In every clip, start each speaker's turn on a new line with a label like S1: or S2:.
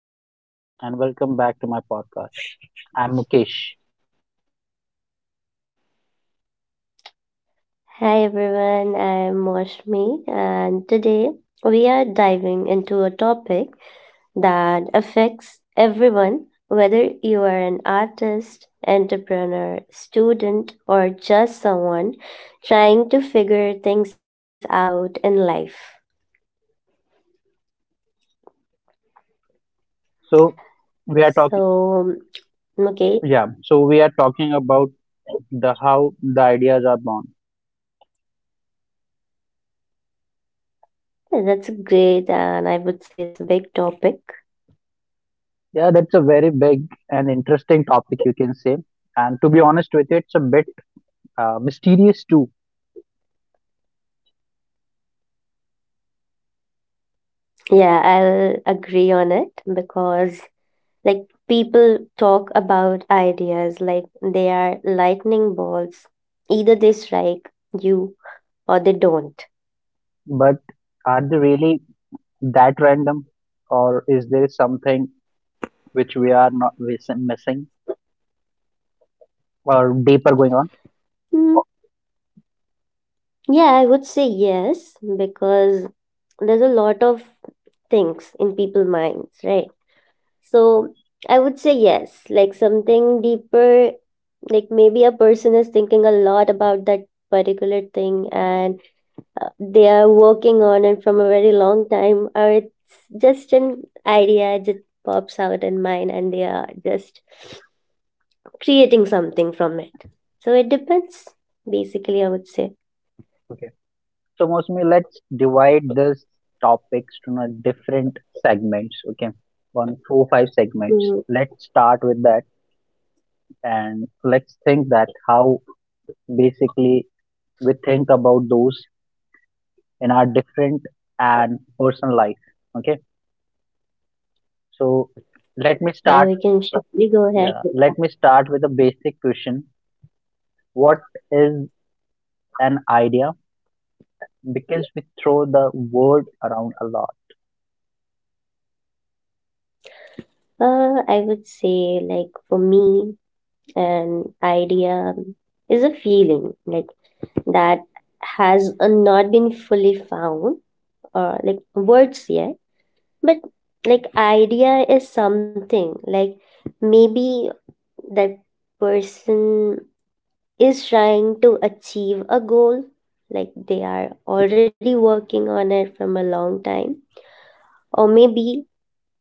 S1: everyone, and welcome back to my podcast. I'm Mukesh.
S2: Hi everyone, I'm Moshmi, and today we are diving into a topic that affects everyone, whether you are an artist, entrepreneur, student, or just someone trying to figure things out in life.
S1: So we are talking,
S2: So, okay,
S1: yeah. So we are talking about the how the ideas are born.
S2: that's great, and I would say it's a big topic.
S1: Yeah, that's a very big and interesting topic, you can say. And to be honest with you, it's a bit mysterious too.
S2: Yeah, I'll agree on it because like people talk about ideas like they are lightning bolts. Either they strike you or they don't.
S1: But are they really that random, or is there something which we are not missing or deeper going on?
S2: Mm, yeah, I would say yes because there's a lot of things in people's minds, right? So I would say yes, like something deeper, like maybe a person is thinking a lot about that particular thing and they are working on it from a very long time, or it's just an idea, it just pops out in mind and they are just creating something from it, so it depends basically, I would say.
S1: So, Mosmi, let's divide this topics to not different segments. Okay, one, four, five segments.
S2: Mm,
S1: Let's start with that, and let's think that how basically we think about those in our different and personal life. Okay, so
S2: yeah, we
S1: let me
S2: can
S1: start.
S2: surely go ahead with that.
S1: Yeah, let me start with a basic question. What is an idea? Because we throw the word around a lot.
S2: I would say, like, for me, an idea is a feeling like that has not been fully found or like words yet. But like, idea is something like, maybe that person is trying to achieve a goal, like they are already working on it from a long time, or maybe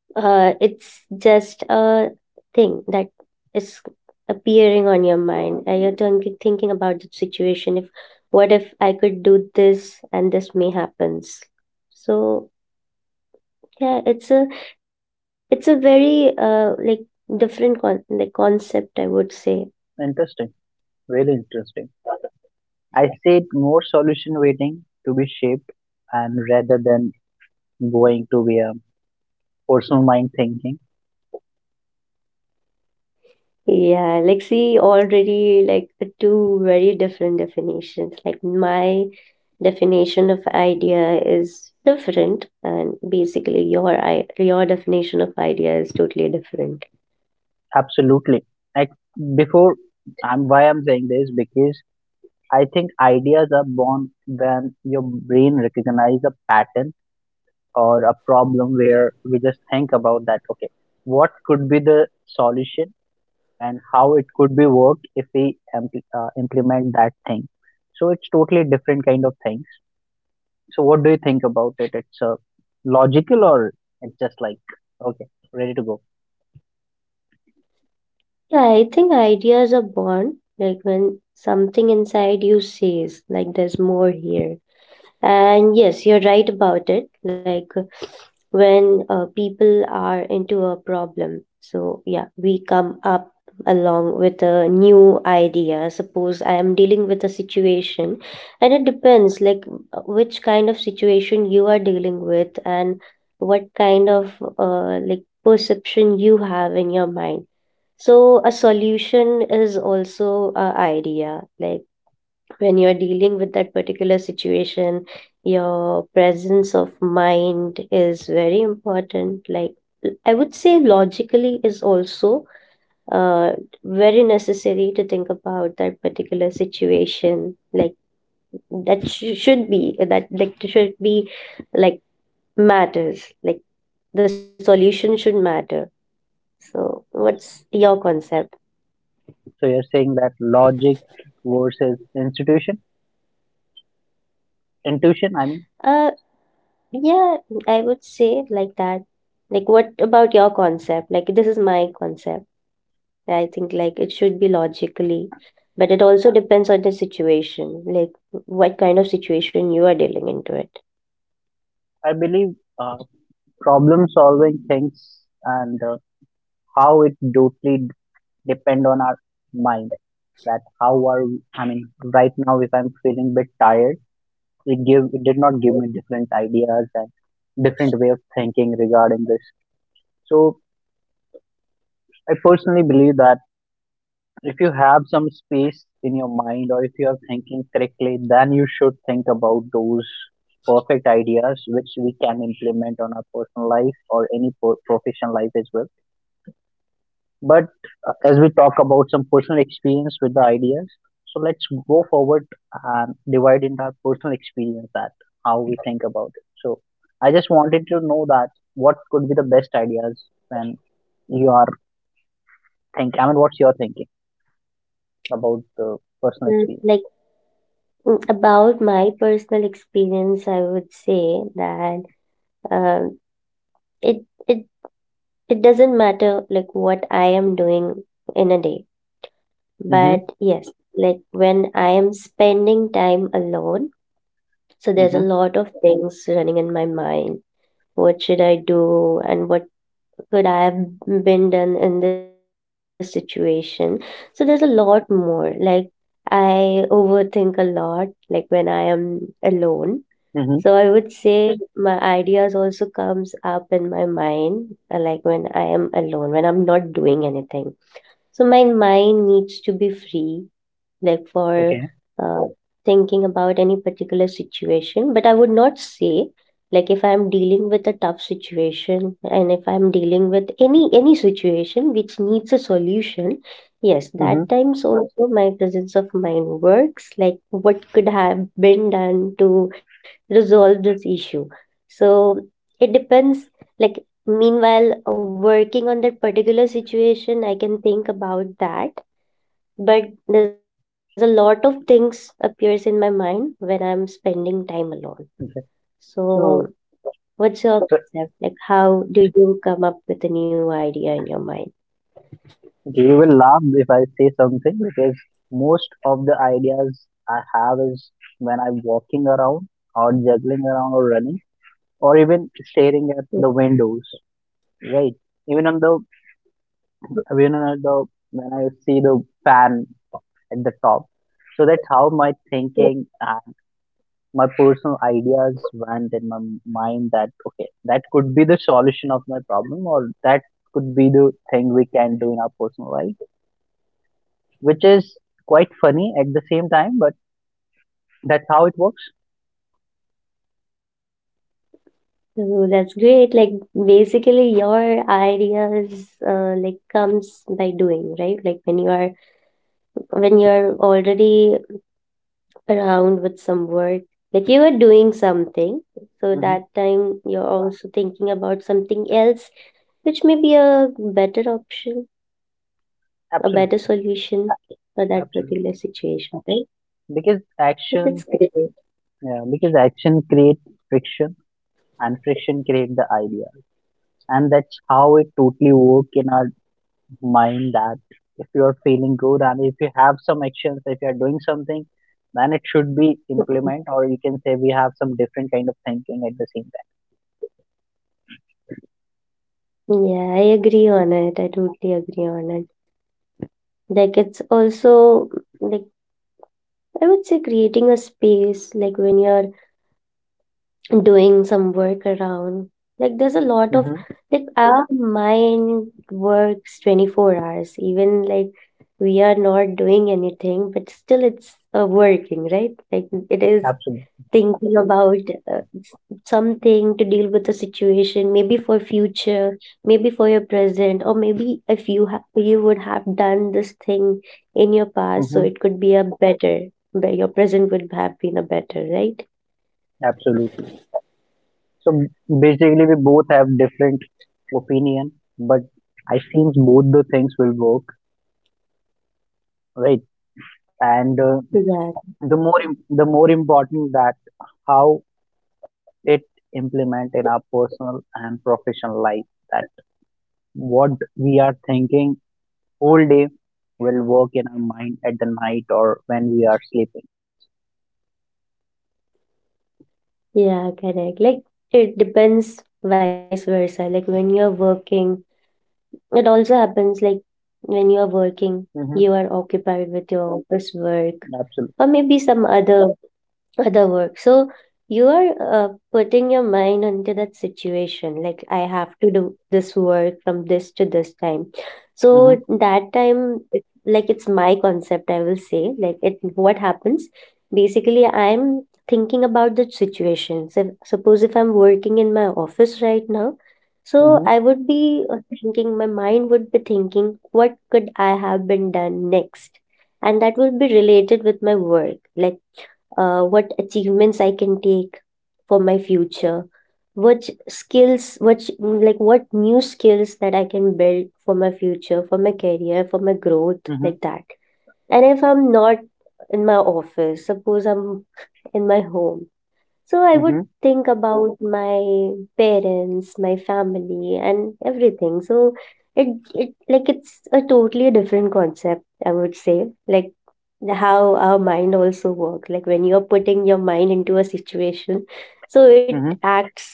S2: it's just a thing that is appearing on your mind and you're thinking about the situation, if what if I could do this and this may happens. So yeah, it's a very like different con like concept, I would say.
S1: Interesting, really interesting. I said more solution waiting to be shaped and rather than going to be a personal mind thinking.
S2: Yeah, like, see, already like two very different definitions. Like my definition of idea is different, and basically your definition of idea is totally different.
S1: Absolutely. Like before I'm why I'm saying this because I think ideas are born when your brain recognizes a pattern or a problem where we just think about that, okay, what could be the solution and how it could be worked if we implement that thing. So it's totally different kind of things. So what do you think about it? It's logical or it's just like okay, ready to go.
S2: Yeah, I think ideas are born like when something inside you says like there's more here. And yes, you're right about it. Like when people are into a problem, so yeah, we come up along with a new idea. Suppose I am dealing with a situation, and it depends, like, which kind of situation you are dealing with and what kind of like perception you have in your mind. So a solution is also a idea, like when you're dealing with that particular situation, your presence of mind is very important. Like, I would say logically is also uh, very necessary to think about that particular situation. Like, that should be, that like should be, like, matters, like the solution should matter. So what's your concept?
S1: So you're saying that versus institution, intuition. I mean,
S2: uh Yeah, I would say like that. Like, what about your concept? Like, this is my concept. I think like it should be logically, but it also depends on the situation, like what kind of situation you are dealing into it.
S1: I believe uh, problem solving things and how it totally depend on our mind. That how are we, I mean, right now if I'm feeling bit tired, it did not give me different ideas and different way of thinking regarding this. So I personally believe that if you have some space in your mind or if you are thinking correctly, then you should think about those perfect ideas which we can implement on our personal life or any professional life as well. But as we talk about some personal experience with the ideas, so let's go forward and divide into our personal experience that how we think about it. So I just wanted to know that what could be the best ideas when you are think I mean what's your thinking about the personal
S2: Mm,
S1: experience.
S2: Like about my personal experience, I would say that um, it it it doesn't matter like what I am doing in a day, but yes, like when I am spending time alone, so there's a
S1: Mhm,
S2: lot of things running in my mind. What should I do? And what could I have been done in this situation? So there's a lot more. Like, I overthink a lot, like when I am alone.
S1: mhm.
S2: So I would say my ideas also comes up in my mind when I am alone, when I'm not doing anything. So my mind needs to be free, like, for
S1: Okay.
S2: uh, thinking about any particular situation. But I would not say, like, if I'm dealing with a tough situation, and if I'm dealing with any situation which needs a solution, yes,
S1: Mhm,
S2: that times also my presence of mind works, like what could have been done to resolve this issue. So it depends, like, meanwhile working on that particular situation, I can think about that, but there's a lot of things appears in my mind when I'm spending time alone.
S1: okay. So,
S2: So what's
S1: so,
S2: your concept? Like how do you come up with a new idea in your mind?
S1: you will laugh if I say something because most of the ideas I have is when I'm walking around or juggling around or running or even staring at the windows, right? Even on the even on the when I see the fan at the top. So that's how my thinking my personal ideas went in my mind that okay that could be the solution of my problem or that could be the thing we can do in our personal life, which is quite funny at the same time, but that's how it works.
S2: So that's great. Like, basically your ideas like comes by doing, right? Like when you are when you're already around with some work, like you are doing something. So
S1: Hmm,
S2: that time you're also thinking about something else, which may be a better option, a better
S1: absolutely.
S2: solution for that
S1: Absolutely,
S2: particular situation, right?
S1: because
S2: Yeah,
S1: action.
S2: that's great.
S1: Yeah, because action creates friction and friction creates the idea, and that's how it totally works in our mind that if you are feeling good and if you have some actions, if you are doing something, then it should be implement, or you can say we have some different kind of thinking at the same time.
S2: Yeah, I agree on it. I totally agree on it. Like it's also like, I would say, creating a space like when you're doing some work around. Like there's a lot of,
S1: Hmm.
S2: like, our mind works 24 hours, even like we are not doing anything, but still it's working, right? Like it is
S1: Absolutely.
S2: thinking about something to deal with the situation, maybe for future, maybe for your present, or maybe if you you would have done this thing in your past, so
S1: Hmm.
S2: it could be a better. But your present would have been a better, right?
S1: Absolutely. So basically, we both have different opinion, but I think both the things will work, right? And
S2: yeah
S1: the more important that how it implement in our personal and professional life. That what we are thinking whole day will work in our mind at the night or when we are sleeping.
S2: yeah, correct, like it depends vice versa, like when you're working, it also happens, like when you're working, you
S1: Mm-hmm.
S2: are occupied with your office work or
S1: Absolutely.
S2: maybe some other other work. So you are putting your mind into that situation. Like, I have to do this work from this to this time.
S1: Mm-hmm.
S2: So that time, like, it's my concept, I will say, it what happens. Basically, I'm thinking about the situation. So, suppose if I'm working in my office right now. So
S1: Mm-hmm.
S2: I would be thinking, my mind would be thinking, what could I have been done next? And that will be related with my work. Like, what achievements I can take for my future, which skills, which, like, what new skills that I can build for my future, for my career, for my growth,
S1: Mm-hmm.
S2: like that. And if I'm not in my office, suppose I'm in my home, so I would
S1: Mm-hmm.
S2: think about my parents, my family, and everything. So, it, it like, it's a totally different concept, I would say, like how our mind also work, like when you're putting your mind into a situation, so it
S1: Mm-hmm.
S2: acts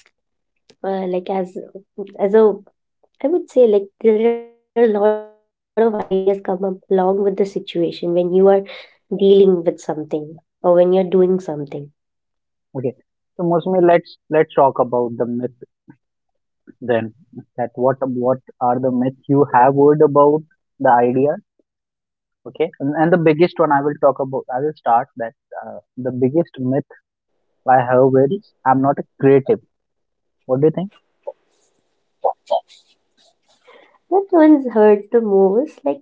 S2: like as a, I would say, like there are a lot of ideas come up along with the situation when you are dealing with something or when you're doing something.
S1: Okay. So Mosmi, let's talk about the myth then, that what are the myths you have heard about the idea. Okay, and the biggest one I will talk about, I will start that uh, the biggest myth I have is I'm not a creative. What do you think?
S2: That one's hurt the most. Like,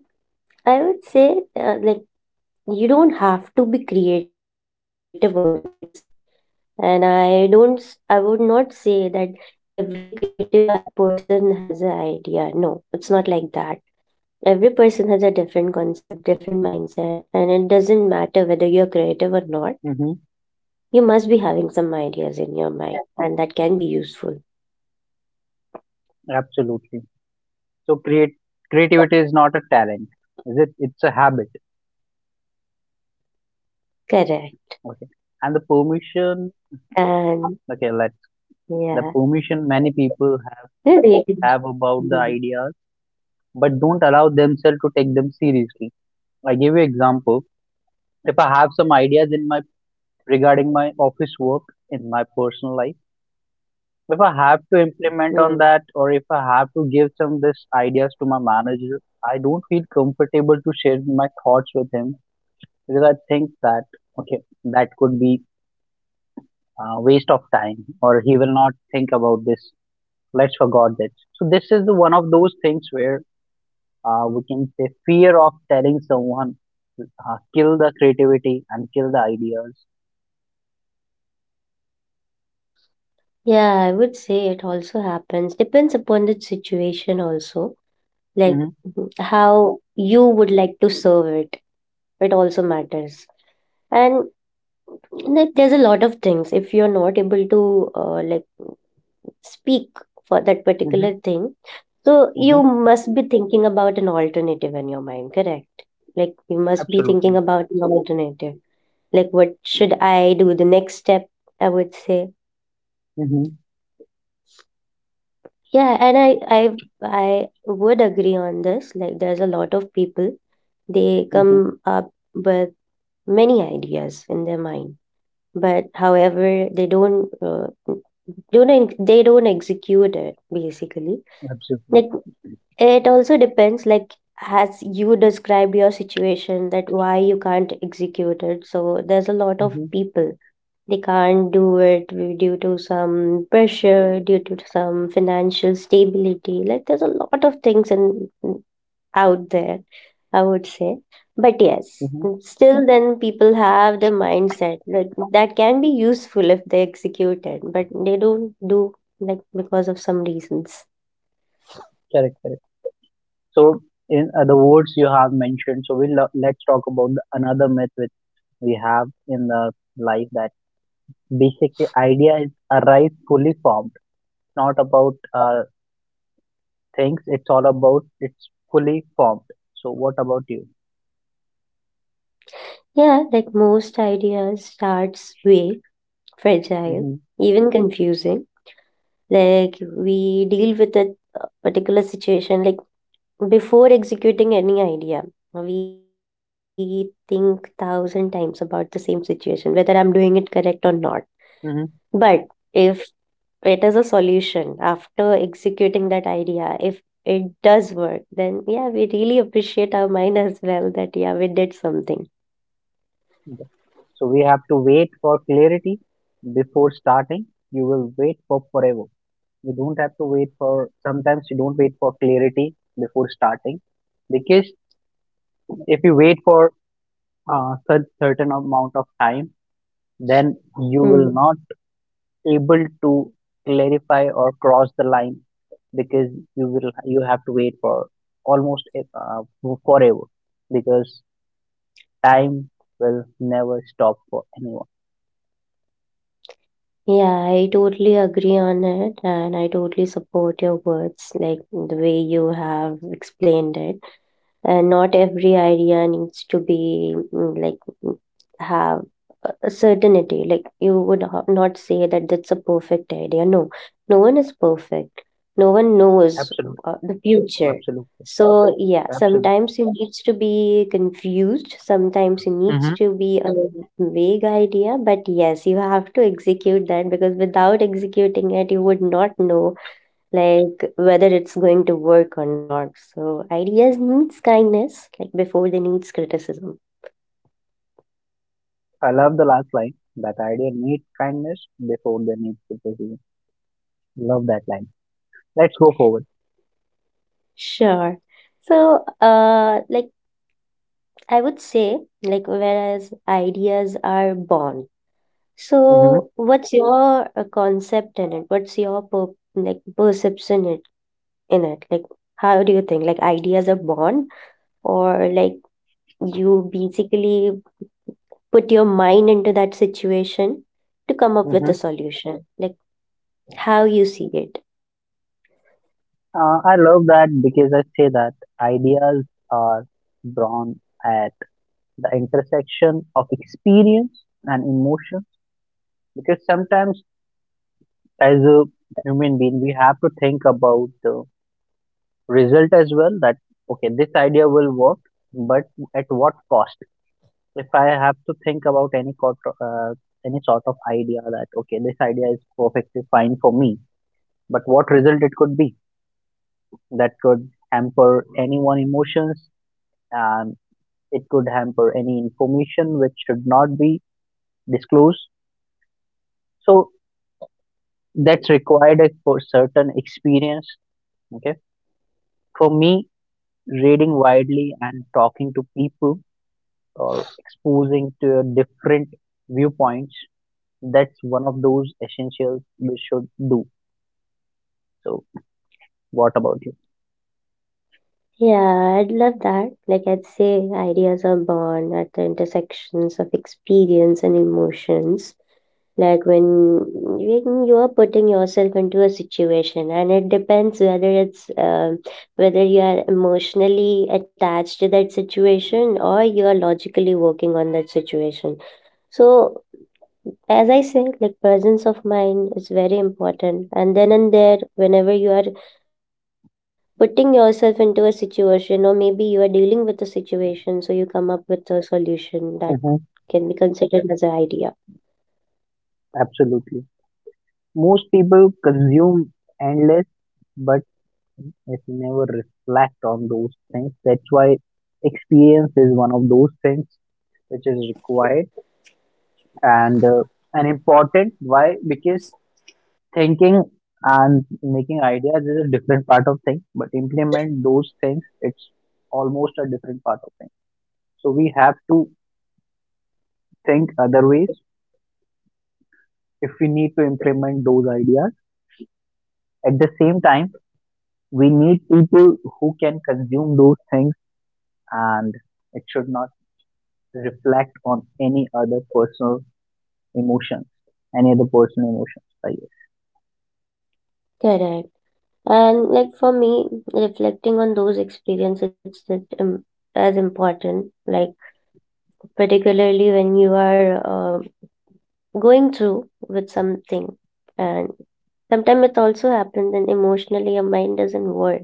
S2: I would say, like, you don't have to be creative always, and I don't I would not say that every creative person has an idea. No, it's not like that. Every person has a different concept, different mindset, and it doesn't matter whether you're creative or not.
S1: Mm-hmm.
S2: You must be having some ideas in your mind, and that can be useful.
S1: Absolutely. So create creativity is not a talent, is it, it's a habit. Okay,
S2: Correct.
S1: and the permission. Okay, let's
S2: And
S1: the permission many
S2: yeah,
S1: people have about
S2: maybe
S1: the ideas but don't allow themselves to take them seriously. I give you example. If I have some ideas in my regarding my office work in my personal life. If I have to implement on that or if I
S2: Hmm.
S1: have to give some this ideas to my manager, I don't feel comfortable to share my thoughts with him because I think that okay, that could be a waste of time or he will not think about this. Let's forgot that. So this is the one of those things where we can say fear of telling someone kill the creativity and kill the ideas.
S2: Yeah, I would say it also happens. Depends upon the situation, also. Like,
S1: Mm-hmm,
S2: mhm, how you would like to serve it. It also matters. And, like, there's a lot of things. If you're not able to like speak for that
S1: mm-hmm,
S2: particular thing, so you
S1: mm-hmm.
S2: must be thinking about an alternative in your mind, correct? Like, you must be thinking
S1: Absolutely.
S2: about an alternative. Like, what should I do? The next step, I would say.
S1: Mm-hmm,
S2: Yeah, and I would agree on this. Like, there's a lot of people, they
S1: mm-hmm.
S2: come up with many ideas in their mind, but however, they don't they don't execute it, basically,
S1: Absolutely.
S2: like, it also depends, like, as you described your situation, that why you can't execute it. So there's a lot of
S1: Mm-hmm.
S2: people. They can't do it due to some pressure, due to some financial stability. Like, there's a lot of things in out there, I would say. But yes,
S1: Mm-hmm.
S2: still then people have the mindset, like that can be useful if they execute it, but they don't do, like, because of some reasons.
S1: Correct, correct. So, in other words, you have mentioned. So, we'll let's talk about the another myth which we have in the life, that basically idea is arrive fully formed. It's not about things. It's all about it's fully formed. So, what about you?
S2: Yeah, like most ideas starts way fragile,
S1: Mm-hmm.
S2: even confusing. Like we deal with a particular situation, like before executing any idea. We think thousand times about the same situation, whether I'm doing it correct or not. But
S1: Mm-hmm.
S2: if it is a solution after executing that idea, if it does work, then yeah, we really appreciate our mind as well that yeah, we did something.
S1: Okay. So, we have to wait for clarity before starting. You will wait for forever. You don't have to wait for sometimes, you don't wait for clarity before starting, because if you wait for a certain amount of time, then you will not able to clarify or cross the line, because you have to wait for almost forever, because time will never stop for anyone.
S2: Yeah, I totally agree on it, and I totally support your words, like the way you have explained it. And not every idea needs to be mm, have a certainty, like, you would not say that that's a perfect idea. No, no one is perfect. No one knows
S1: Absolutely,
S2: the future.
S1: absolutely,
S2: So yeah,
S1: absolutely.
S2: sometimes it needs to be confused, sometimes it needs
S1: Hmm.
S2: to be a vague idea, but yes, you have to execute that, because without executing it you would not know like whether it's going to work or not. So ideas needs kindness, like, before they needs criticism.
S1: I love the last line, that idea need kindness before they need criticism. Love that line. Let's go forward.
S2: Sure. So like, I would say, like, whereas ideas are born.
S1: Hmm.
S2: So what's, yeah, your concept in it? What's your like perception it in it? Like how do you think like ideas are born, or like you basically put your mind into that situation to come up with a
S1: Hmm.
S2: solution, like how you see it.
S1: I love that because I say that ideas are born at the intersection of experience and emotion. Because sometimes, as a human being, we have to think about the result as well. That okay, this idea will work, but at what cost? If I have to think about any any sort of idea that okay, this idea is perfectly fine for me, but what result it could be? That could hamper anyone emotions and it could hamper any information which should not be disclosed. So that's required at for certain experience. Okay, for me reading widely and talking to people or exposing to different viewpoints, that's one of those essentials we should do. So what about you?
S2: Yeah, I'd love that. Like I'd say, ideas are born at the intersections of experience and emotions. Like when you are putting yourself into a situation, and it depends whether it's whether you are emotionally attached to that situation or you are logically working on that situation. So, as I say, like presence of mind is very important. And then and there, whenever you are putting yourself into a situation, or maybe you are dealing with a situation, so you come up with a solution that
S1: Hmm,
S2: can be considered as an idea.
S1: absolutely. Most people consume endless, but it never reflect on those things. That's why experience is one of those things which is required and uh, and important. Why? Because thinking and making ideas is a different part of thing, but implement those things it's almost a different part of thing. So we have to think other ways if we need to implement those ideas. At the same time, we need people who can consume those things and it should not reflect on any other personal emotions, any other personal emotions, I guess.
S2: Correct. And like for me, reflecting on those experiences is as important, like particularly when you are uh, going through with something, and sometimes it also happens and emotionally your mind doesn't work,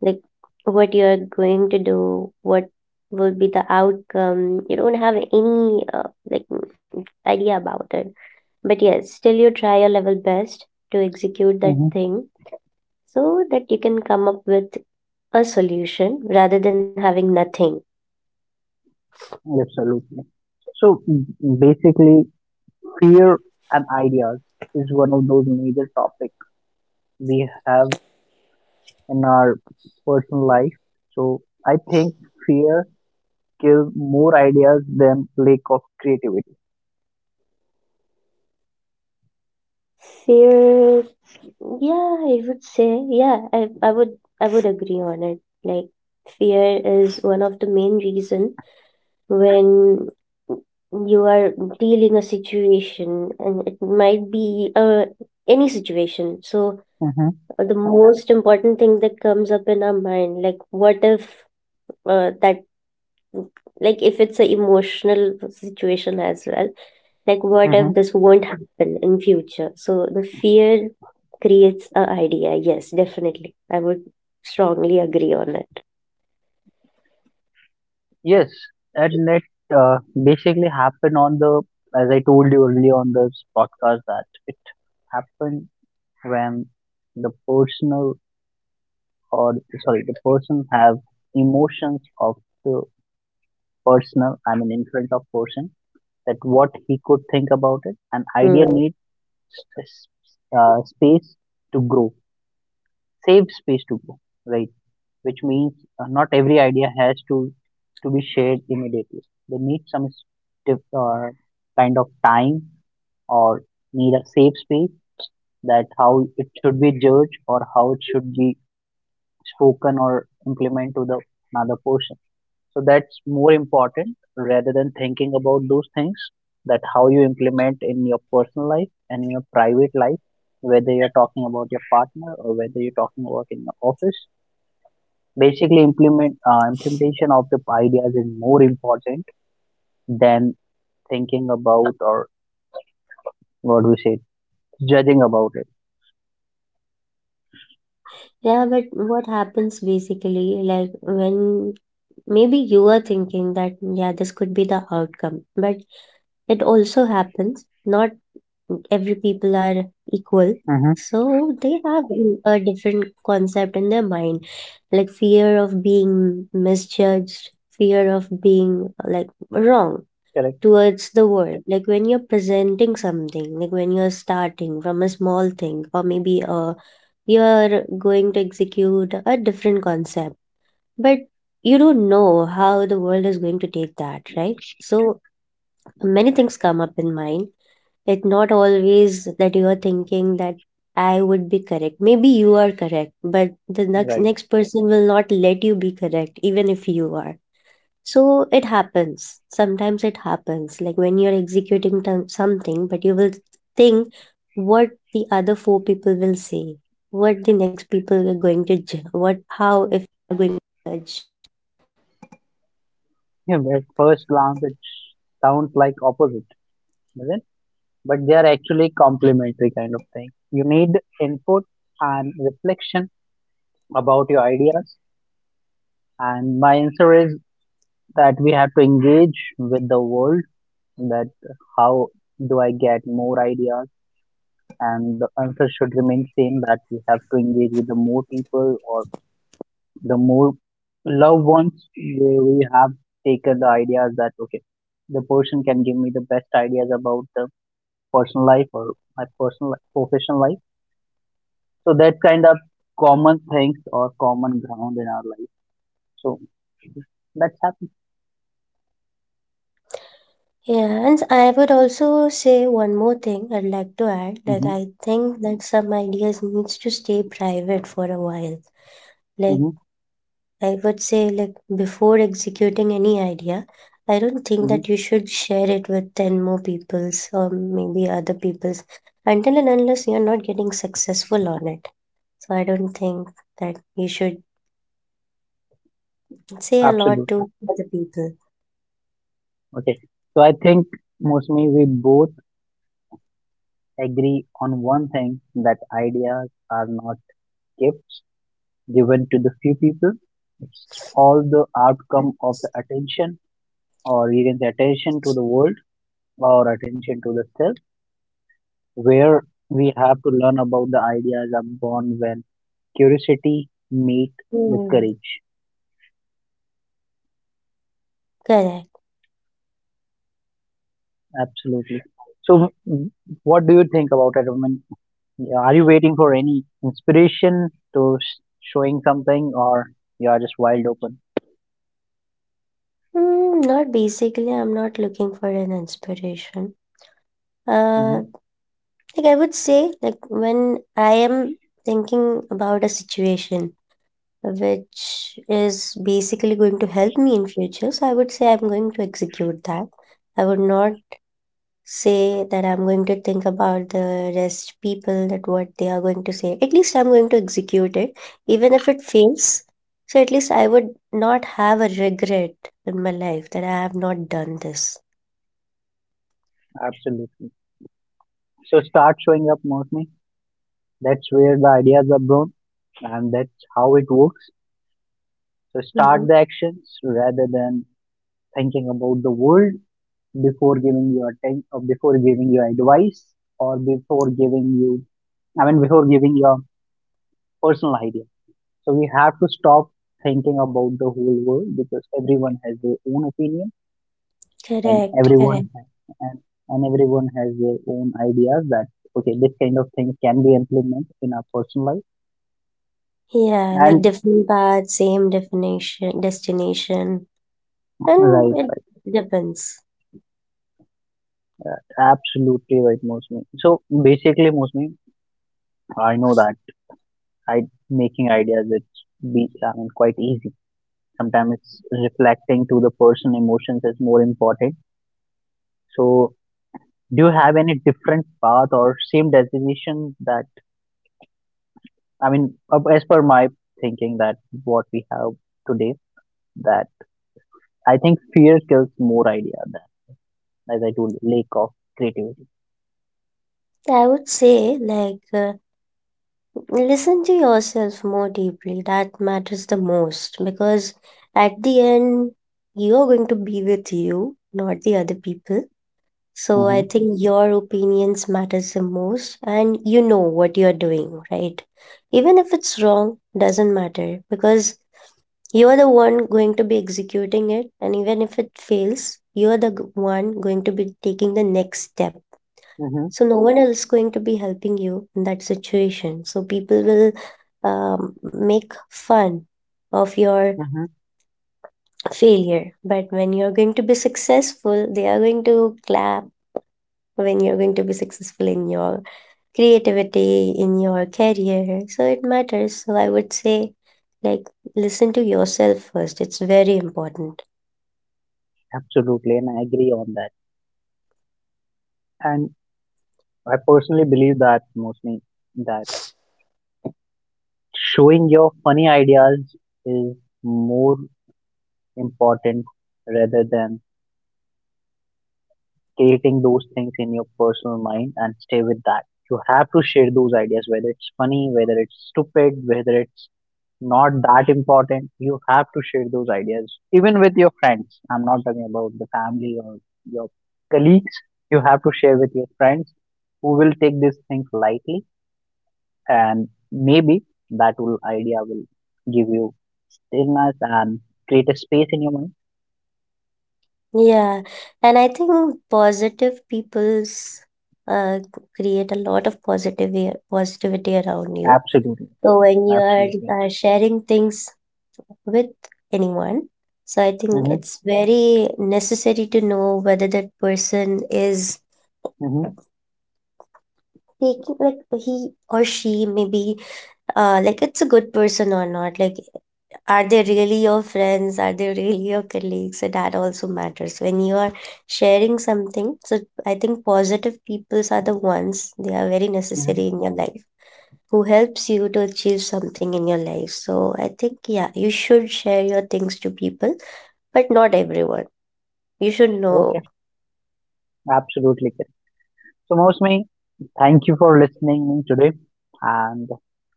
S2: like what you're going to do, what will be the outcome. You don't have any idea about it. But yes, still you try your level best to execute that
S1: Mhm.
S2: thing so that you can come up with a solution rather than having nothing.
S1: Absolutely. So basically, fear and ideas is one of those major topics we have in our personal life. So I think fear kills more ideas than lack of creativity.
S2: Fear, yeah, I would say, yeah, I would agree on it. Like fear is one of the main reason when you are dealing a situation, and it might be any situation, so
S1: Hmm.
S2: the most important thing that comes up in our mind, like what if that like if it's an emotional situation as well, like what
S1: Hmm.
S2: if this won't happen in future, so the fear creates a idea. Yes, definitely I would strongly agree on it.
S1: Yes, and it uh, basically happened on the, as I told you earlier on this podcast, that it happened when the personal or sorry the person have emotions of the personal I mean in front of person, that what he could
S2: Hmm.
S1: think about it. An idea needs a space to grow, safe space to grow, right? Which means not every idea has to be shared immediately. They need some stiff, kind of time, or need a safe space, that how it should be judged or how it should be spoken or implement to the another person. So that's more important rather than thinking about those things, that how you implement in your personal life and in your private life, whether you're talking about your partner or whether you're talking about in your office. Basically implement implementation of the ideas is more important than thinking about or what we say judging about it.
S2: Yeah, but what happens basically, like when maybe you are thinking that, yeah, this could be the outcome, but it also happens. Not every people are equal.
S1: Mm-hmm.
S2: So they have a different concept in their mind, like fear of being misjudged, fear of being like wrong
S1: Correct.
S2: towards the world. Like when you're presenting something, like when you're starting from a small thing, or maybe you're going to execute a different concept, you don't know how the world is going to take that, right? So many things come up in mind. It not always that you are thinking that I would be correct. Maybe you are correct, but the next
S1: Right.
S2: next person will not let you be correct, even if you are. So it happens. Sometimes it happens, like when you're executing something, but you will think what the other four people will say, what the next people are going to, what.
S1: Yeah, at first glance it sounds like opposite, doesn't it? But they are actually complementary kind of thing. You need input and reflection about your ideas. And my answer is that we have to engage with the world. That how do I get more ideas? And the answer should remain same, that we have to engage with the more people or the more loved ones where we have taken the ideas that okay, the person can give me the best ideas about the personal life or my personal professional life. So that's kind of common things or common ground in our life. So that's happened.
S2: Yeah, and I would also say one more thing I'd like to add, that
S1: Hmm.
S2: I think that some ideas needs to stay private for a while. Like
S1: Hmm.
S2: I would say, like before executing any idea, I don't think
S1: Hmm.
S2: that you should share it with 10 more peoples or maybe other peoples, until and unless you're not getting successful on it. So I don't think that you should say a lot to
S1: Absolutely.
S2: other people.
S1: Okay. So I think mostly we both agree on one thing, that ideas are not gifts given to the few people. It's all the outcome of the attention, or you can say attention to the world or attention to the self, where we have to learn about the ideas are born when curiosity meet the
S2: Hmm.
S1: courage.
S2: Correct.
S1: Absolutely. So, what do you think about it? I mean, yeah, are you waiting for any inspiration to showing something, or you are just wild open?
S2: Mm, not basically, I'm not looking for an inspiration.
S1: Hmm.
S2: Uh, like I would say, like when I am thinking about a situation which is basically going to help me in future, so I would say I'm going to execute that. I would not say that I'm going to think about the rest people, that what they are going to say. At least I'm going to execute it, even if it fails. So at least I would not have a regret in my life that I have not done this.
S1: Absolutely. So, start showing up mostly. That's where the ideas are born, and that's how it works. So, start
S2: Mhm.
S1: the actions rather than thinking about the world before giving your attention, or before giving your advice, or before giving you. I mean, before giving your personal ideas. So we have to stop thinking about the whole world because everyone has their own opinion and
S2: Correct, correct.
S1: and, and everyone has their own ideas that okay this kind of things can be implemented in our personal life
S2: Yeah, like
S1: and
S2: different paths, same definition, destination,
S1: right
S2: and it
S1: right
S2: depends.
S1: right, absolutely right Mosmi. So basically Mosmi, I know that I making ideas it's be I mean quite easy. Sometimes it's reflecting to the person emotions is more important. So do you have any different path or same destination? That I mean, as per my thinking that what we have today, that I think fear kills more idea than, as I told you, lack of creativity.
S2: I would say, like, listen to yourself more deeply. That matters the most, because at the end, you're going to be with you, not the other people. So I
S1: Hmm.
S2: think your opinions matters the most, and you know what you're doing, right? Even if it's wrong, doesn't matter, because you're the one going to be executing it, and even if it fails, you're the one going to be taking the next step. So
S1: Hmm.
S2: no one else going to be helping you in that situation. So people will make fun of your
S1: Hmm.
S2: failure, but when you're going to be successful, they are going to clap. When you're going to be successful in your creativity, in your career, so it matters. So I would say, like, listen to yourself first. It's very important.
S1: Absolutely, and I agree on that. And I personally believe that mostly that showing your funny ideas is more important rather than creating those things in your personal mind and stay with that. You have to share those ideas, whether it's funny, whether it's stupid, whether it's not that important. You have to share those ideas, even with your friends. I'm not talking about the family or your colleagues. You have to share with your friends who will take these things lightly, and maybe that will idea will give you stillness and create a space in your mind.
S2: Yeah, and I think positive people's create a lot of positivity around you.
S1: Absolutely,
S2: So when you are
S1: absolutely.
S2: sharing things with anyone, so I think
S1: Mm-hmm,
S2: it's very necessary to know whether that person is
S1: mm-hmm,
S2: taking, like he or she maybe it's a good person or not. Like are they really your friends? Are they really your colleagues? So that also matters when you are sharing something. So I think positive peoples are the ones, they are very necessary
S1: mm-hmm.
S2: in your life, who helps you to achieve something in your life. So I think yeah, you should share your things to people, but not everyone. You should know.
S1: Okay. Absolutely. Correct. So, Mosmi, thank you for listening in today, and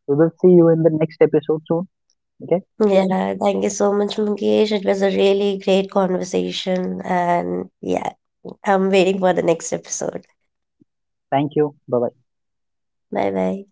S1: we will see you in the next episode soon. Okay,
S2: Yeah, thank you so much, Mukesh. It was a really great conversation, and yeah, I'm waiting for the next episode.
S1: thank you. Bye bye.
S2: Bye bye.